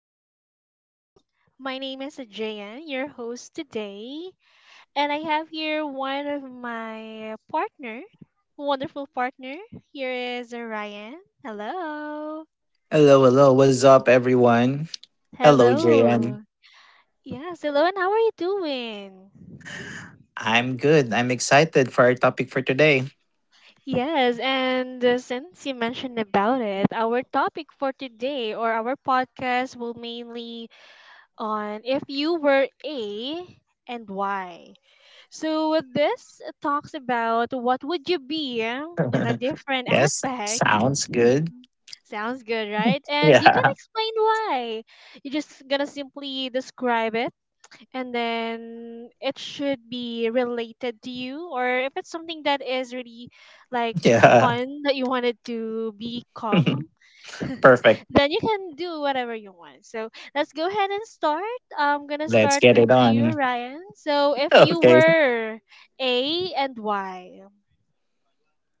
morning. My name is Jayan, your host today, and I have here one of my partner, wonderful partner. Here is Ryan. Hello. Hello, hello. What's up, everyone? Hello, JM. Hello. Yes, hello, and how are you doing? I'm good. I'm excited for our topic for today. Yes, and since you mentioned about it, our topic for today or our podcast will mainly on if you were A and why. So with this it talks about what would you be in a different yes, aspect. sounds good. Sounds good, right? And you can Yeah, explain why. You're just gonna simply describe it and then it should be related to you or if it's something that is really like yeah. fun that you wanted to become Perfect. then you can do whatever you want. So let's go ahead and start. I'm gonna Let's start get with it you, on. Ryan. So if you Okay, were A and Y.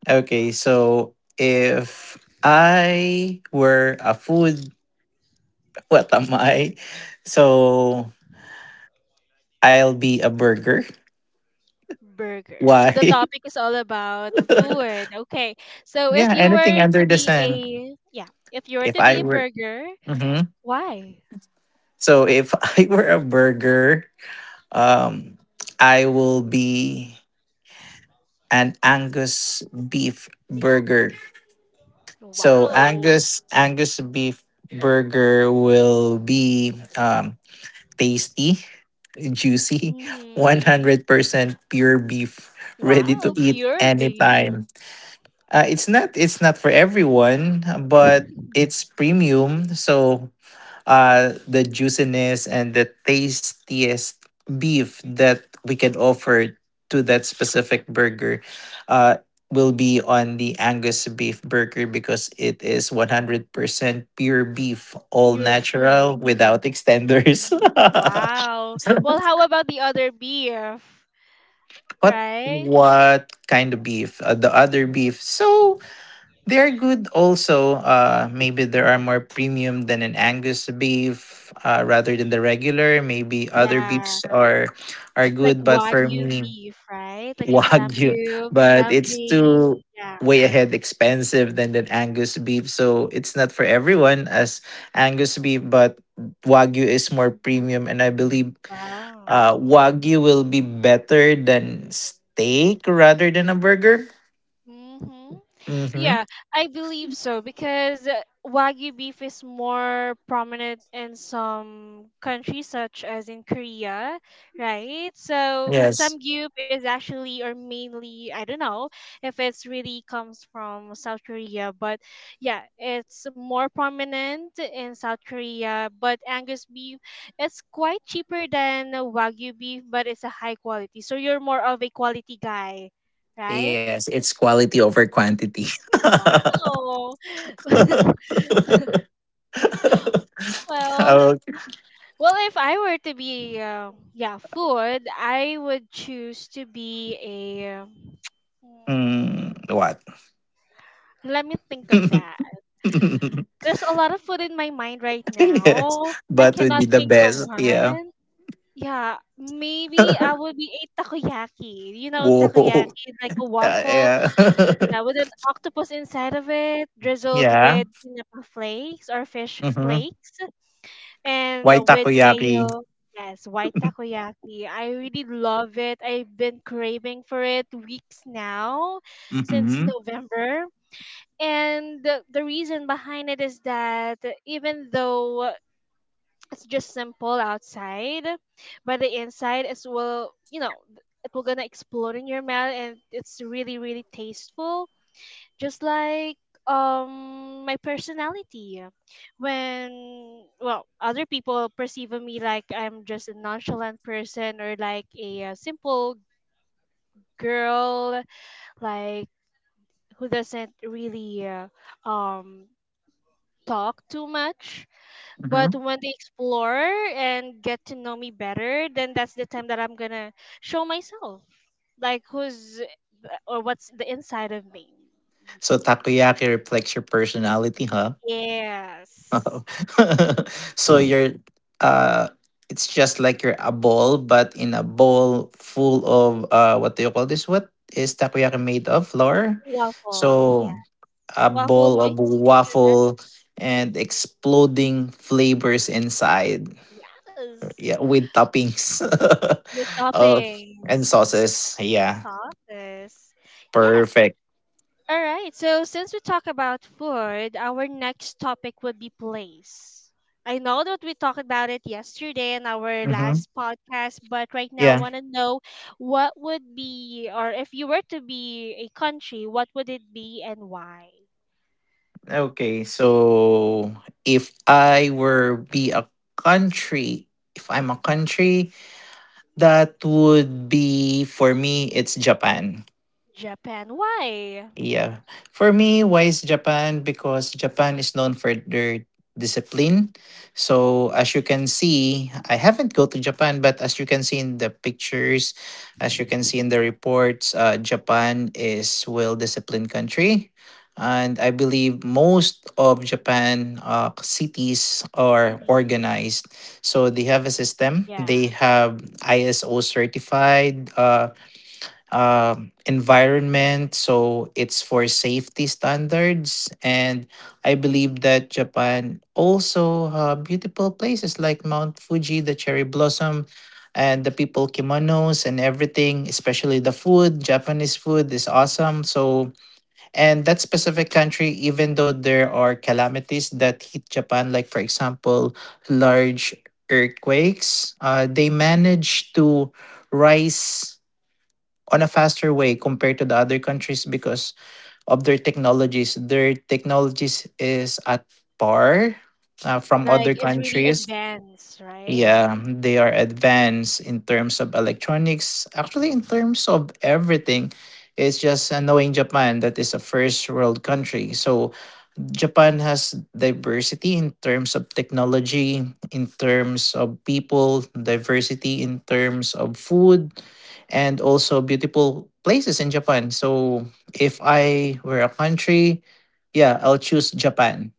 okay. So, if I were a food, what am I? So, I'll be a burger. Burger, so Why? the topic is all about food. Okay. So if yeah, you anything were to under the be a sun. yeah, if you were If to I be a were. burger, Mm-hmm. why? So if I were a burger, um, I will be an Angus beef burger. So Wow. Angus beef burger will be tasty, juicy, one Mhm. hundred percent pure beef, ready to Wow. eat Pure beef. anytime. It's not for everyone, but it's premium. So the juiciness and the tastiest beef that we can offer to that specific burger uh, will be on the Angus beef burger because it is 100% pure beef, all Pure natural beef. without extenders. Mhm. Wow. Well, how about the other beef? what Right? what kind of beef? The other beef. So they're good also. Maybe there are more premium than an Angus beef rather than the regular. Maybe other Yeah. beefs are Like good, but for Wagyu me, beef, right? Like in the Wagyu. Samgyup, But it's too Samji. Yeah. way ahead expensive than the Angus beef. So it's not for everyone as Angus beef, but Wagyu is more premium. And I believe Wow. Wagyu will be better than steak rather than a burger. Mm-hmm. Mm-hmm. Yeah, I believe so because Wagyu beef is more prominent in some countries, such as in Korea, right? So Yes. Samgyup is actually or mainly, I don't know if it's really comes from South Korea, but yeah, it's more prominent in South Korea. But Angus beef, it's quite cheaper than Wagyu beef, but it's a high quality. So you're more of a quality guy, right? Yes, it's quality over quantity. Wow. Well, okay. well, if I were to be, yeah, food, I would choose to be a. mm, Mm, what? Let me think of that. There's a lot of food in my mind right yes, now. I but cannot would be the think of best. Yeah. one. Yeah, maybe I would be a takoyaki. You know, Whoa. takoyaki, like a waffle, Yeah. yeah, with an octopus inside of it, drizzled yeah. with tinapa flakes or fish Mm-hmm. flakes. And Why with takoyaki? mayo. Yes, white takoyaki. I really love it. I've been craving for it weeks now, since Mm-hmm. November. And the reason behind it is that even though it's just simple outside, but the inside is well, it will gonna explode in your mouth, and it's really, really tasteful just like my personality when well other people perceive of me like I'm just a nonchalant person or like a, simple girl like who doesn't really um talk too much but Mm-hmm. when they explore and get to know me better then that's the time that I'm gonna show myself like who's or what's the inside of me. So takoyaki reflects your personality, huh? Yes. so you're uh it's just like you're a bowl but in a bowl full of what do you call this, what is takoyaki made of? Flour. Waffle, So yeah. a Waffle bowl of mix with that, waffle and exploding flavors inside, yes, yeah, with toppings, with of and toppings, sauces, yeah. sauces. Yes. Perfect. All right. So since we talk about food, our next topic would be place. I know that we talked about it yesterday in our Hmm. last podcast, but right now I want to know what would be, or if you were to be a country, what would it be and why? Okay, so if I were be a country, if I'm a country, that would be for me it's Japan. Japan, why? Yeah. For me, why is Japan? Because Japan is known for their discipline. So as you can see, I haven't go to Japan, but as you can see in the pictures, as you can see in the reports, Japan is well disciplined country. And I believe most of Japan cities are Mhm. organized. So they have a system. Yeah. They have ISO certified. Environment. So it's for safety standards. And I believe that Japan also have beautiful places like Mount Fuji, the cherry blossom, and the people kimonos and everything, especially the food. Japanese food is awesome. So, and that specific country, even though there are calamities that hit Japan, like for example, large earthquakes, they manage to rise on a faster way compared to the other countries because of their technologies. Their technologies is at par from Like, other it's really countries. advanced, right? Yeah, they are advanced in terms of electronics, actually, in terms of everything. It's just knowing Japan that is a first world country. So Japan has diversity in terms of technology, in terms of people, diversity in terms of food, and also beautiful places in Japan. So if I were a country, yeah, I'll choose Japan.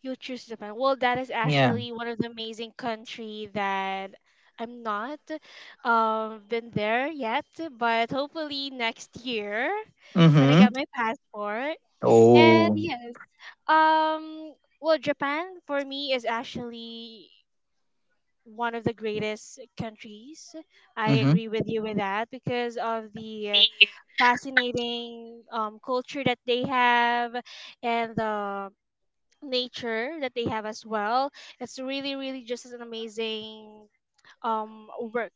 You choose Japan. Well, that is Yeah. actually one of the amazing country that I'm not been there yet, but hopefully next year when I get Mm-hmm. my passport. And Oh. yes, um well, Japan for me is actually one of the greatest countries. I Mm-hmm. agree with you with that because of the fascinating culture that they have and the nature that they have as well. It's really, really just an amazing um work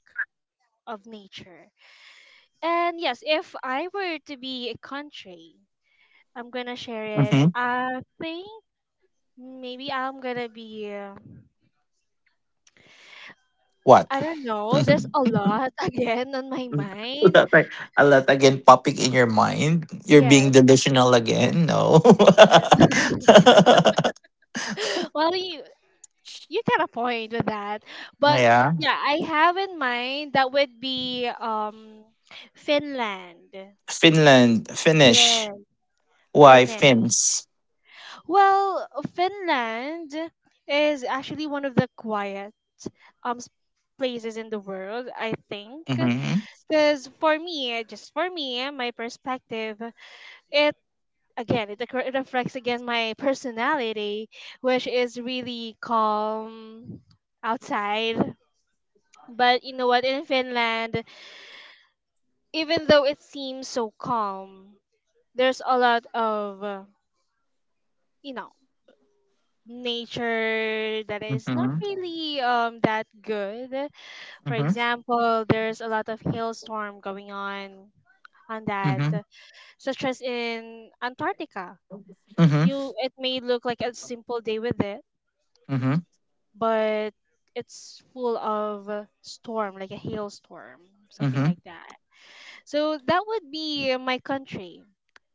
of nature. And yes, if I were to be a country, I'm gonna share it. Mm-hmm. I think maybe I'm gonna be What? I don't know, So there's a lot again on my mind. that like a lot again popping in your mind. You're being Yes. delusional again. No. Yes. Well you got a point with that. But yeah. yeah, I have in mind that would be Finland. Finland, Finnish. Yes. Why Finland. Finns? Well, Finland is actually one of the quiet um s- places in the world, I think. Mm-hmm. Because for me, just for me, my perspective, it again it reflects again my personality, which is really calm outside. But you know what? In Finland, even though it seems so calm, there's a lot of you know nature that is not Mm-hmm. really that good. For Mm-hmm. example, there's a lot of hailstorm going on that, Mm-hmm. such as in Antarctica. Mm-hmm. You it may look like a simple day with it, Mm-hmm. but it's full of a storm, like a hailstorm, something Mm-hmm. like that. So that would be my country.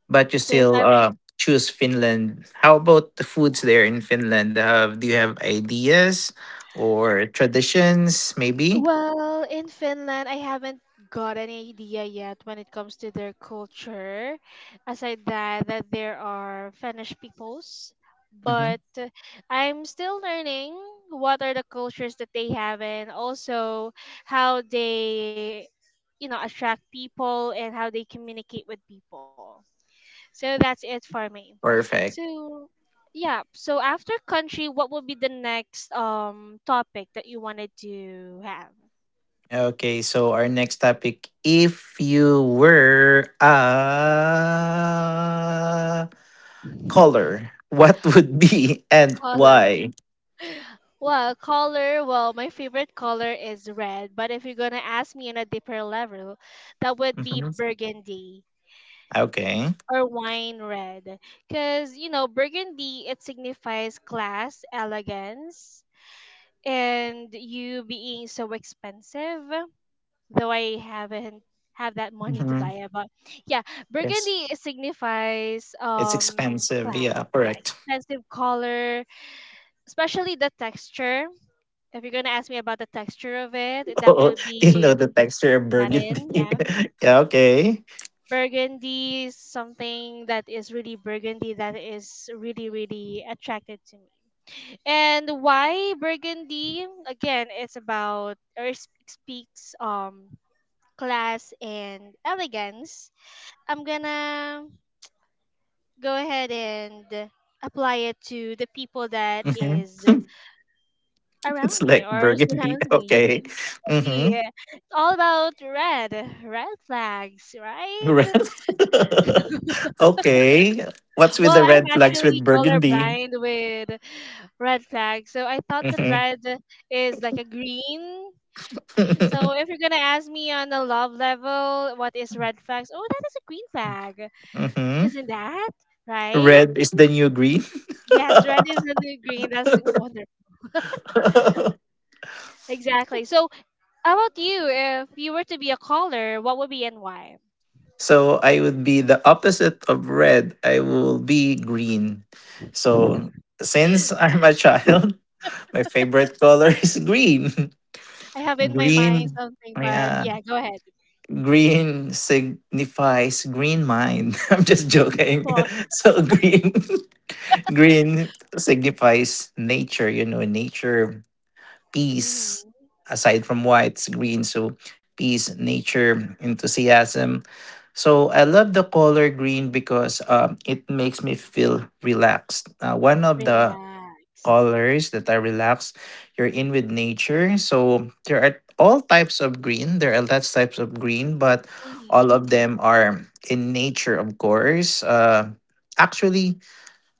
But you So if still I were. Choose Finland. How about the foods Yeah. there in Finland? Do you have ideas or traditions, maybe? Well, in Finland, I haven't got any idea yet when it comes to their culture. Aside that there are Finnish peoples, Mm-hmm. but I'm still learning what are the cultures that they have and also how they attract people and how they communicate with people. So that's it for me. Perfect. So yeah, so after country, what would be the next topic that you wanted to have? Okay, so our next topic: if you were a color, what would be and Color. why? Well, color, well, my favorite color is red, but if you're gonna ask me on a deeper level, that would be Mhm. burgundy Okay. or wine red. Because, you know, burgundy, it signifies class, elegance, and you being so expensive, though I haven't have that money to buy Hmm. it, but yeah, Yes. burgundy it signifies It's expensive. class. Yeah, Yeah, correct. expensive color, especially the texture. If you're gonna ask me about the texture of it, that Oh, would you know be the texture of burgundy. satin, yeah. yeah, okay. Burgundy, something that is really burgundy that is really, really attracted to me. And why burgundy? Again, it's about or it speaks class and elegance. I'm gonna go ahead and apply it to the people that Hmm. is around It's me like or burgundy. surrounds me. Okay. Yeah, exactly. Mm-hmm. It's all about red, red flags, right? Red. okay. What's with Well, the I'm red flags actually with burgundy? colorblind with red flags, so I thought that Mm-hmm. red is like a green. So if you're gonna ask me on the love level, what is red flags? Oh, that is a green flag, Mm-hmm. isn't that right? Red is the new green. Yes, red is in the green. That's wonderful. Exactly. So, how about you? If you were to be a caller, what would be and why? So I would be the opposite of red. I will be green. So since I'm a child, my favorite color is green. I have in my mind Green, something, but yeah. yeah, go ahead. Green signifies green mind. I'm just joking. Well, So green, green signifies nature. You know, nature, peace. hmm Aside from whites, green. So peace, nature, enthusiasm. So I love the color green because it makes me feel relaxed. One of the relaxed. colors that I relax, you're in with nature. So there are all types of green, there are lots types of green, but all Hmm. of them are in nature, of course. Actually,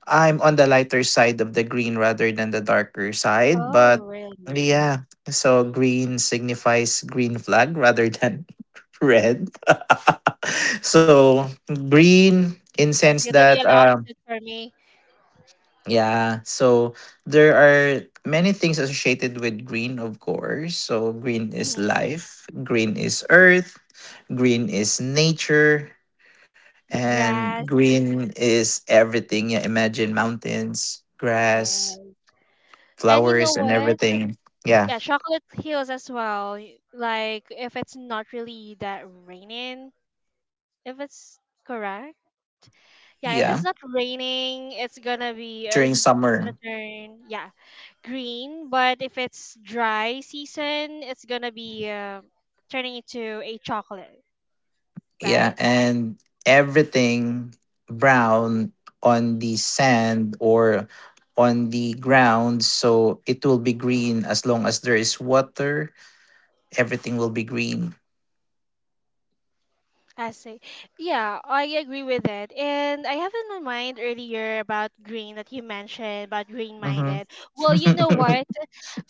I'm on the lighter side of the green rather than the darker side, Oh, but really? yeah. So green signifies green flag rather than red. So green in sense That's gonna be that an opposite for me. yeah, so there are many things associated with green, of course. So green is Hmm. life, green is earth, green is nature, The and grass, green is everything. Yeah, imagine mountains, grass, yeah. And you know flowers and what? everything. Yeah. Yeah, chocolate heals as well. Like if it's not really that raining, if it's correct. Yeah, if it's Yeah. not raining, During it's gonna summer. turn yeah green, but if it's dry season, it's gonna be turning into a chocolate, Yeah. right? And everything brown on the sand or on the ground. So it will be green as long as there is water. Everything will be green. I see. Yeah, I agree with it. And I have in my mind earlier about green that you mentioned about green minded. Well, you know Mm-hmm. what?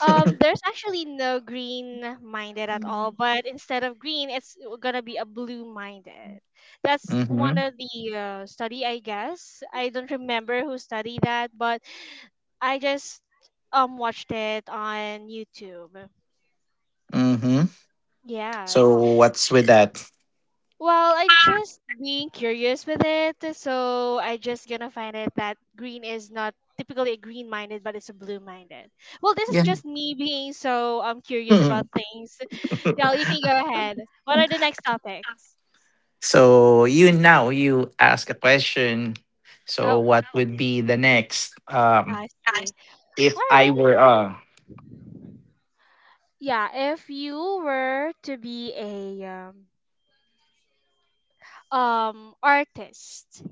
There's actually no green minded at all, but instead of green, it's gonna be a blue minded. That's mm-hmm. one of the study, I guess. I don't remember who studied that, but I just watched it on YouTube. Mm-hmm. Yes. So what's with that? Well, I'm just being curious with it, so I just gonna find it that green is not typically a green minded, but it's a blue minded. Well, this is Yeah. just me being so curious about Mhm. things. Yeah, you can go ahead. What are the next topics? So you now you ask a question. So Oh, what would be the next? Um I see. All if I right. were Yeah, if you were to be a artist,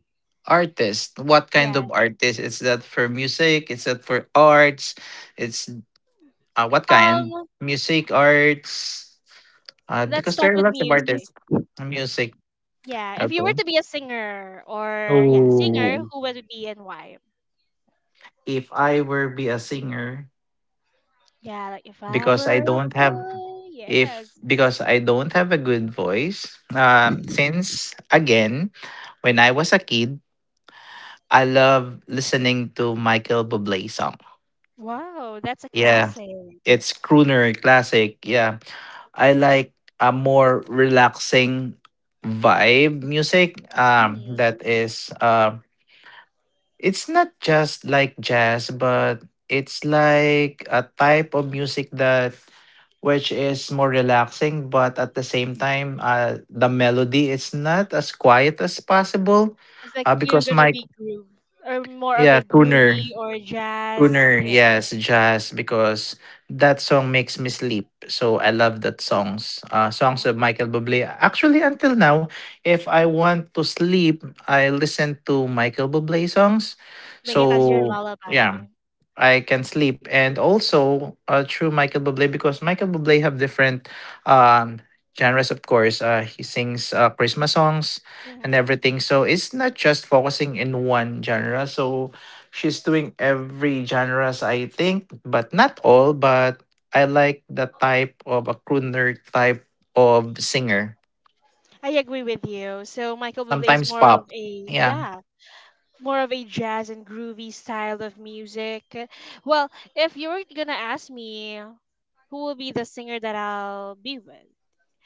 artist. What kind yeah. of artist? Is that for music? Is that for arts? It's what kind? Um, Music, arts? Let's Because start there are with lots of music. artists. Music. Yeah, if you were Okay. to be a singer or yeah, singer, Oh. who would it be and why? If I were be a singer, Yeah, like if I because I were a don't have boy, if yes. because I don't have a good voice, since again, when I was a kid, I love listening to Michael Bublé song. Wow, that's a Yeah, classic. it's crooner classic. Yeah, I like a more relaxing vibe music. That hmm is it's not just like jazz, but it's like a type of music that which is more relaxing, but at the same time, the melody is not as quiet as possible, It's like you're because gonna my be groove or more of yeah a crooner. groovy or jazz, Crooner, something like that. yes, jazz, because that song makes me sleep. So I love that Ooh, songs. Songs yeah. of Michael Bublé. Actually, until now, if I want to sleep, I listen to Michael Bublé songs. Make it as your So yeah, lullaby. I can sleep. And also through Michael Bublé because Michael Bublé have different um, genres, of course. He sings Christmas songs and hmm everything. So it's not just focusing in one genre. So she's doing every genres, I think, but not all. But I like the type of a crooner type of singer. I agree with you. So Michael Bublé is Sometimes more of pop. a Yeah. yeah, more of a jazz and groovy style of music. Well, if you were gonna ask me who will be the singer that I'll be with,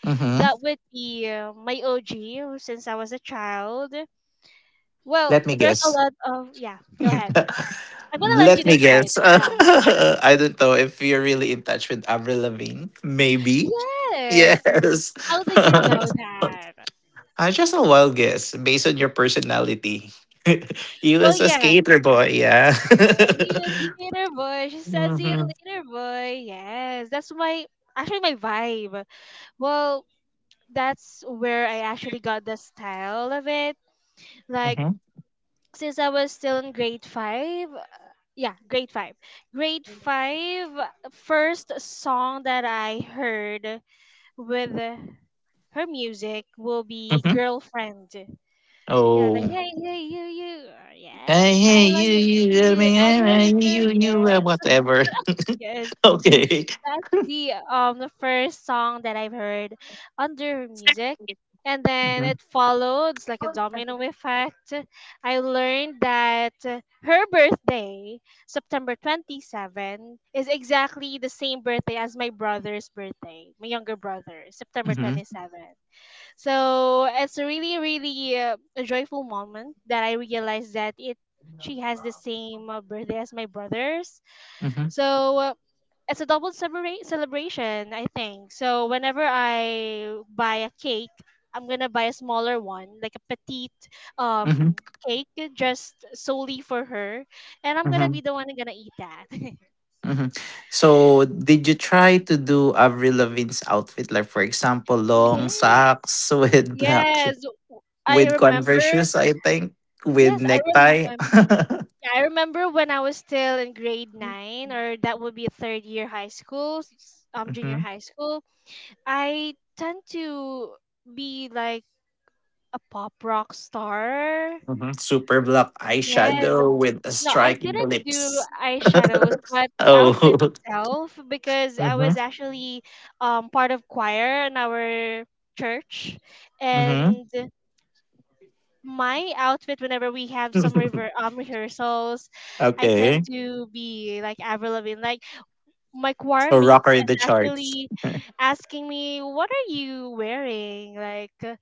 Mm-hmm. that would be my OG since I was a child. Well, Let me there's a guess. lot of. Yeah. Go ahead. I'm gonna let you Let me decide. guess. Yeah. I don't know if you're really in touch with Avril Lavigne. Maybe. Yes. Yes. How did you know that? I just a wild guess based on your personality. You Well, was a yeah. skater boy, yeah. Yeah, he was skater boy. She said, "See you Hmm. later, boy." Yes, that's my actually my vibe. Well, that's where I actually got the style of it. Like Hmm. since I was still in grade five. Yeah, grade five. Grade five, first song that I heard with her music will be Hmm. Girlfriend. Yeah, like, Oh. hey, hey, you, you. Hey, Yes, I hey, love you, you, you, I you. You, mean, I eh, love you, eh, girl. you, Yes, whatever. yes Okay. that's the first song that I've heard under music. And then Hmm. it followed it's like a domino effect. I learned that her birthday, September 27th, is exactly the same birthday as my brother's birthday, my younger brother, September twenty Hmm. seventh. So it's a really, really a joyful moment that I realized that it she has the same birthday as my brothers. So it's a double celebration, I think. So whenever I buy a cake, I'm gonna buy a smaller one, like a petite um Hmm. cake, just solely for her, and I'm gonna be Hmm. the one who's gonna eat that. Hmm. So, did you try to do Avril Lavigne's outfit, like for example, long Yes, socks with black sh- yes, I with Converse remember. shoes, I think, with Yes, I necktie, remember. I remember when I was still in grade nine, or that would be third year high school, junior hmm, high school. I tend to be like a pop rock star. hmm, super black Yes. eyeshadow with a No, I striking didn't do lips. eyeshadows, but the Oh, outfit itself, because I hmm. was actually part of choir in our church, Hmm. and my outfit whenever we have some rehearsals, I tend okay. to be like Avril Lavigne. Like my choir So, rocker mates in is the charts. actually asking me, "What are you wearing?" Like,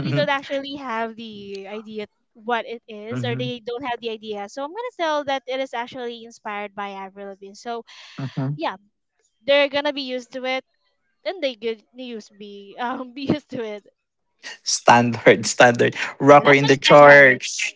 you don't actually have the idea what it is, or Hmm. they don't have the idea, so I'm gonna tell that it is actually inspired by Avril Lavigne. So Hmm. yeah, they're gonna be used to it, and they could used be be used to it. Standard, standard Yeah, rocker that's my in the standard. charts.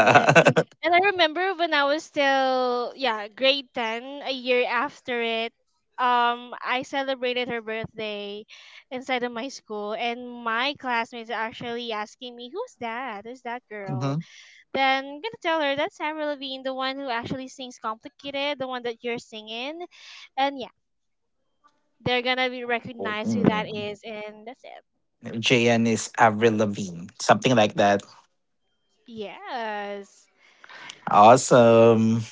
Yeah. And I remember when I was still, yeah, grade 10 a year after it. I celebrated her birthday inside of my school, and my classmates are actually asking me, who's that girl. Then I'm gonna tell her that's Avril Lavigne, the one who actually sings complicated, the one that you're singing. And yeah, they're gonna be recognized who hmm. that is, and that's it. JN is Avril Lavigne, something like that. Yes. Awesome.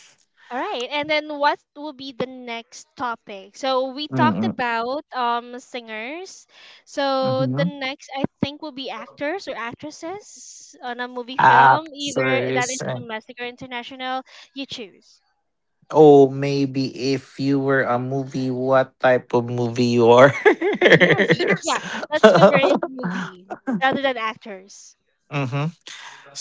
All right. And then what will be the next topic? So we talked Mm-mm. about singers. So Mm-hmm. the next I think will be actors or actresses on a movie film, either that is Actors. And- domestic or international. You choose. oh, maybe if you were a movie, what type of movie you are? Yes. Yes. Yeah. Let's convert it into movie rather than actors. mm-hmm.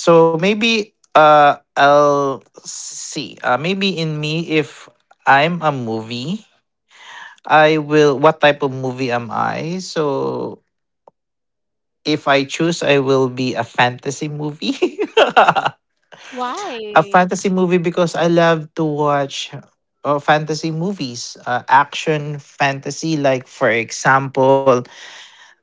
So maybe I'll see. Maybe in me, if I'm a movie, I will. What type of movie am I? So if I choose, I will be a fantasy movie. A Why? fantasy movie because I love to watch fantasy movies, action fantasy. Like for example,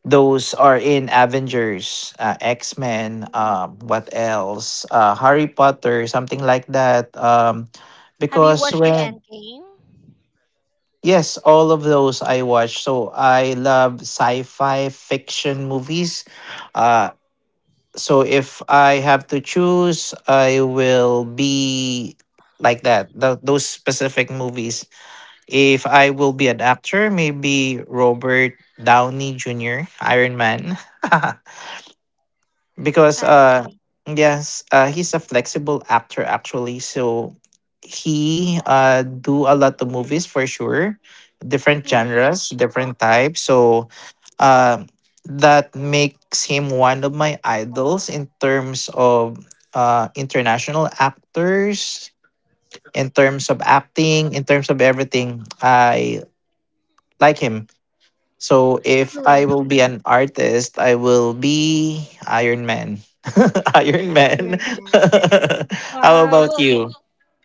those are in Avengers, X Men. Mm. What else? Harry Potter, something like that. Have you Because watched the when end game? yes, all of those I watch. So I love sci-fi fiction movies. Uh, so if I have to choose, I will be like that. Those specific movies. If I will be an actor, maybe Robert Downey Jr., Iron Man. because I see. yes he's a flexible actor actually, so he do a lot of movies for sure, different Mm-hmm. genres, different types. So uh, that makes him one of my idols in terms of international actors, in terms of acting, in terms of everything. I like him. So if You I like will be an artist, I will be Iron Man. Iron Man. Iron Man. How Wow. about Well, you?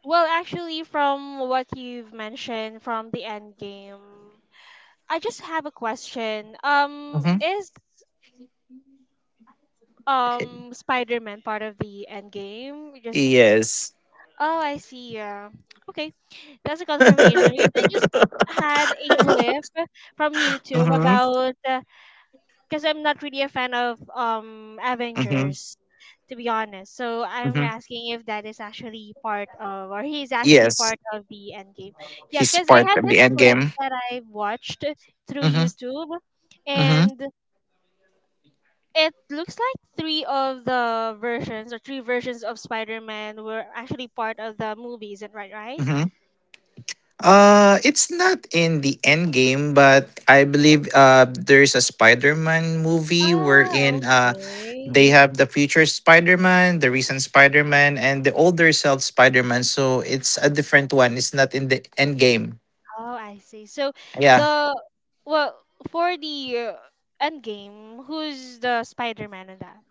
well, actually, from what you've mentioned from the end game, I just have a question. Hmm. Is Spider-Man part of the end game? Just Yes. Oh, I see. Yeah. Okay, that's a confirmation because I just had a clip from YouTube hmm, about because I'm not really a fan of hmm, Avengers to be honest. So I'm hmm. asking if that is actually part of, or he is actually Yes, part of the Endgame. Yeah, he's because I part have of the this end clip game. that I watched through Hmm. YouTube, Hmm. and it looks like three of the versions or three versions of Spider-Man were actually part of the movies, and right, right? Hmm. It's not in the end game, but I believe there's a Spider-Man movie Ah, wherein okay. they have the future Spider-Man, the recent Spider-Man, and the older self Spider-Man. So it's a different one. It's not in the end game. Oh, I see. So Yeah. the well, for the end game, who's the Spider-Man in that?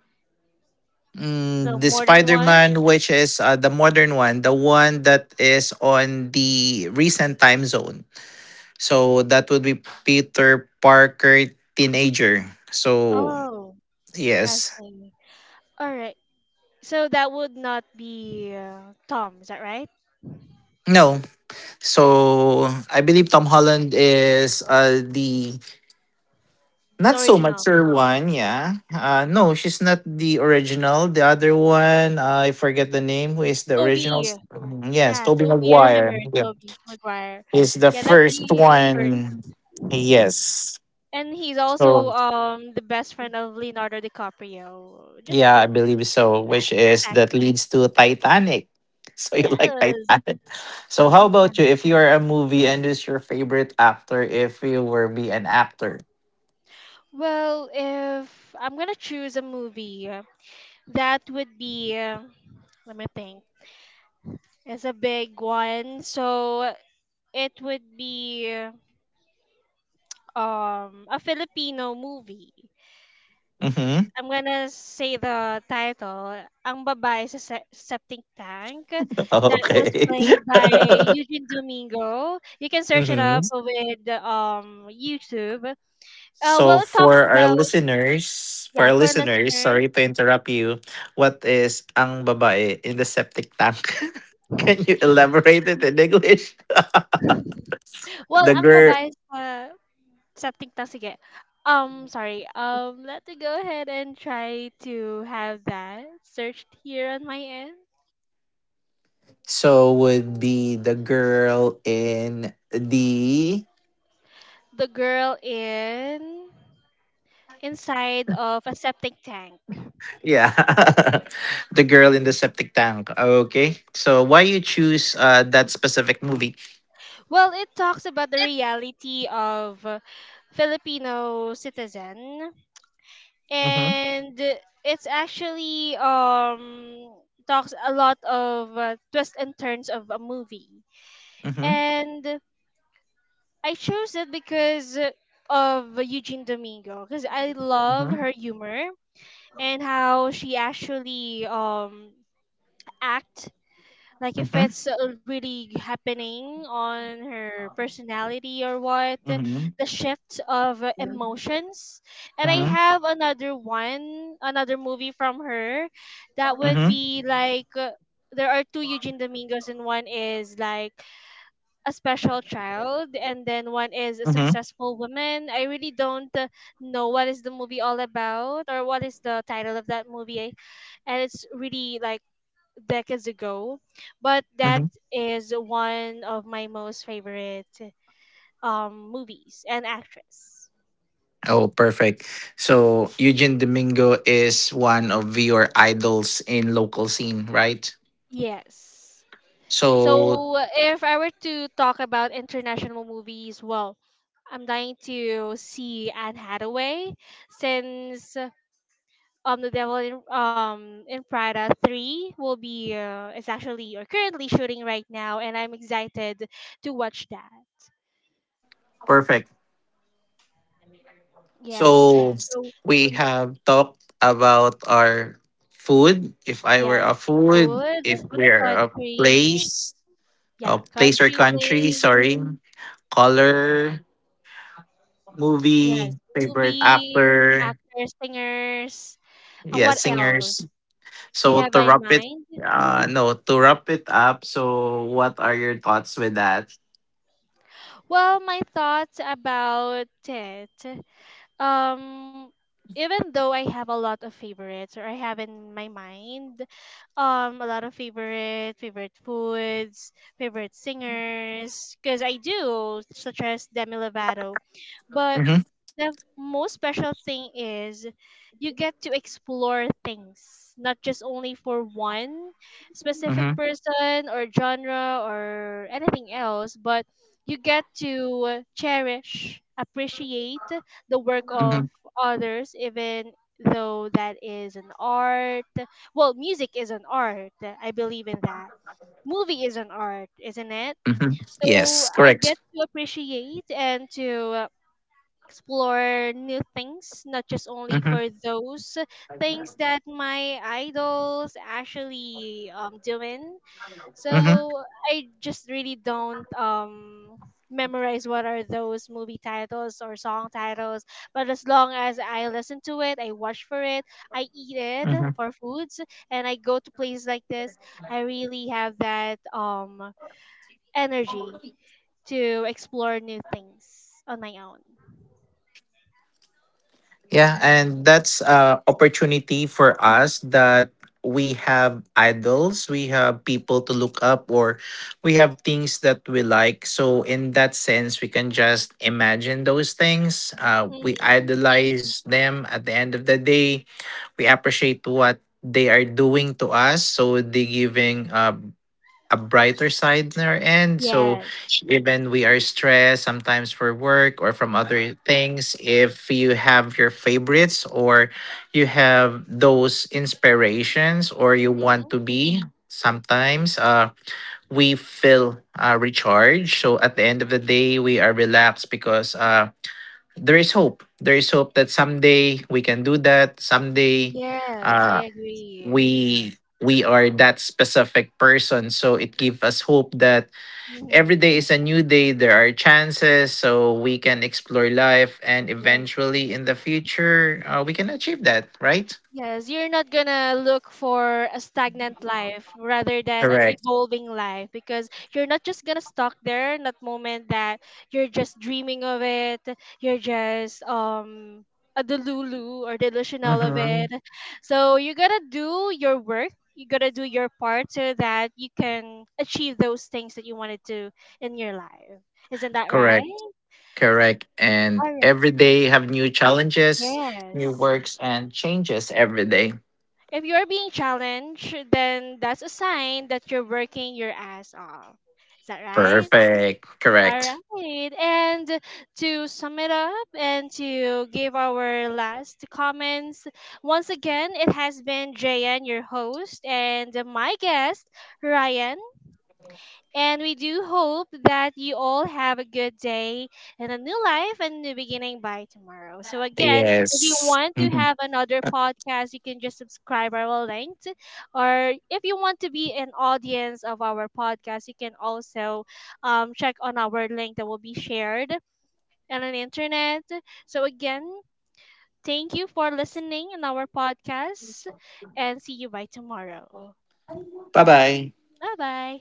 The Mm, the more than one? Spider-Man, which is the modern one, the one that is on the recent time zone. So that would be Peter Parker, teenager. So Oh, I yes. see. All right. So that would not be Tom, is that right? No, so I believe Tom Holland is the not The so original. mature one. Yeah. No, she's not the original. The other one, I forget the name. Who is the original? Toby. Mm, yes, Yeah, Toby Toby. I Maguire. remember Yeah. Toby Maguire. He's the Yeah, that's first the first. one. Yes. And he's So also the best friend of Leonardo DiCaprio. Just a yeah, I quick, yeah, believe so. Which is fact. that leads to Titanic. So you like Yes. Titanic. So how about Titanic. you? If you are a movie and who's your favorite actor, if you were be an actor. Well, if I'm gonna choose a movie, that would be let me think. It's a big one, so it would be a Filipino movie. Mm-hmm. I'm gonna say the title. Ang babae sa septic tank that was Okay. played by Eugene Domingo. You can search it hmm. up with YouTube. So Well, it talks about, for yeah, our for listeners, listeners. sorry to interrupt you. What is ang babae in the septic tank? Can you elaborate it in English? Well, The ang girl. babae sa something toxic. Sorry. Let me go ahead and try to have that searched here on my end. So would be the girl in the The girl in inside of a septic tank. yeah, the girl in the septic tank. Okay. So why you choose that specific movie? Well, it talks about the reality of Filipino citizen, Mm-hmm. and it's actually talks a lot of twists and turns of a movie. Mm-hmm. And I chose it because of Eugene Domingo because I love Mm-hmm. her humor and how she actually act like if Mm-hmm. it's really happening on her personality or what the Mm-hmm. shift of emotions. And I Mm-hmm. have another one another movie from her that would be like there are two Eugene Domingos, and one is like a special child and then one is a Mm-hmm. successful woman. I really don't know what is the movie all about or what is the title of that movie, and it's really like decades ago, but that Hmm. is one of my most favorite movies and actress. Oh, perfect. So Eugene Domingo is one of your idols in local scene, right? Yes. So So if I were to talk about international movies, well, I'm dying to see Anne Hathaway, since the devil in Prada 3 will be is actually or currently shooting right now, and I'm excited to watch that. perfect. Yes. So So we have talked about our food. If I were yes, a food, if food, we're country, a yeah, place or country country, place. sorry, color, Yes, movie, favorite movie, actor, actors, singers, and yeah, what else? singers. Do you So have to in wrap it, mind? No, to wrap it up. So what are your thoughts with that? Well, my thoughts about it. um Even though I have a lot of favorites, or I have in my mind a lot of favorite foods, favorite singers because I do such as Demi Lovato. But Mm-hmm, the most special thing is you get to explore things, not just only for one specific mm-hmm, person or genre or anything else, but you get to cherish, appreciate the work of mm-hmm, others, even though that is an art. Well, music is an art, I believe in that. Movie is an art, isn't it? mm-hmm. So Yes, I get correct. to appreciate and to explore new things, not just only Mm-hmm, for those things that my idols actually doing. So mm-hmm, I just really don't memorize what are those movie titles or song titles. But as long as I listen to it, I watch for it, I eat it mm-hmm. for foods, and I go to places like this, I really have that energy to explore new things on my own. Yeah, and that's a opportunity for us that we have idols, we have people to look up, or we have things that we like. So in that sense, we can just imagine those things. We Hmm. idolize them. At the end of the day, we appreciate what they are doing to us. So they giving a brighter side in our end. So Yes. even we are stressed sometimes for work or from other things, if you have your favorites or you have those inspirations or you want Mm-hmm. to be sometimes we feel recharged. So at the end of the day we are relaxed because there is hope, there is hope that someday we can do that, someday Yes, I uh, agree. we we are that specific person, so it gives us hope that every Mm-hmm. day is a new day, there are chances so we can explore life and Yes. eventually in the future we can achieve that, right? Yes, you're not gonna look for a stagnant life rather than an Correct. evolving life, because you're not just gonna stuck there in that moment that you're just dreaming of it, you're just a delulu or delusional of Mm-hmm. it. So you gotta do your work, you gotta do your part so that you can achieve those things that you wanted to in your life. Isn't that Correct, right? correct, and All every day have new challenges, new Yes. works and changes every day. If you're being challenged, then that's a sign that you're working your ass off. Is that right? Perfect, All correct. right. And to sum it up and to give our last comments, once again, it has been Jayan, your host, and my guest, Ryan. And we do hope that you all have a good day and a new life and new beginning by tomorrow. So, again, if you Yes. want to have another podcast, you can just subscribe our link. Or if you want to be an audience of our podcast, you can also check on our link that will be shared on the internet. So, again, thank you for listening in our podcast and see you by tomorrow. bye bye. Bye bye.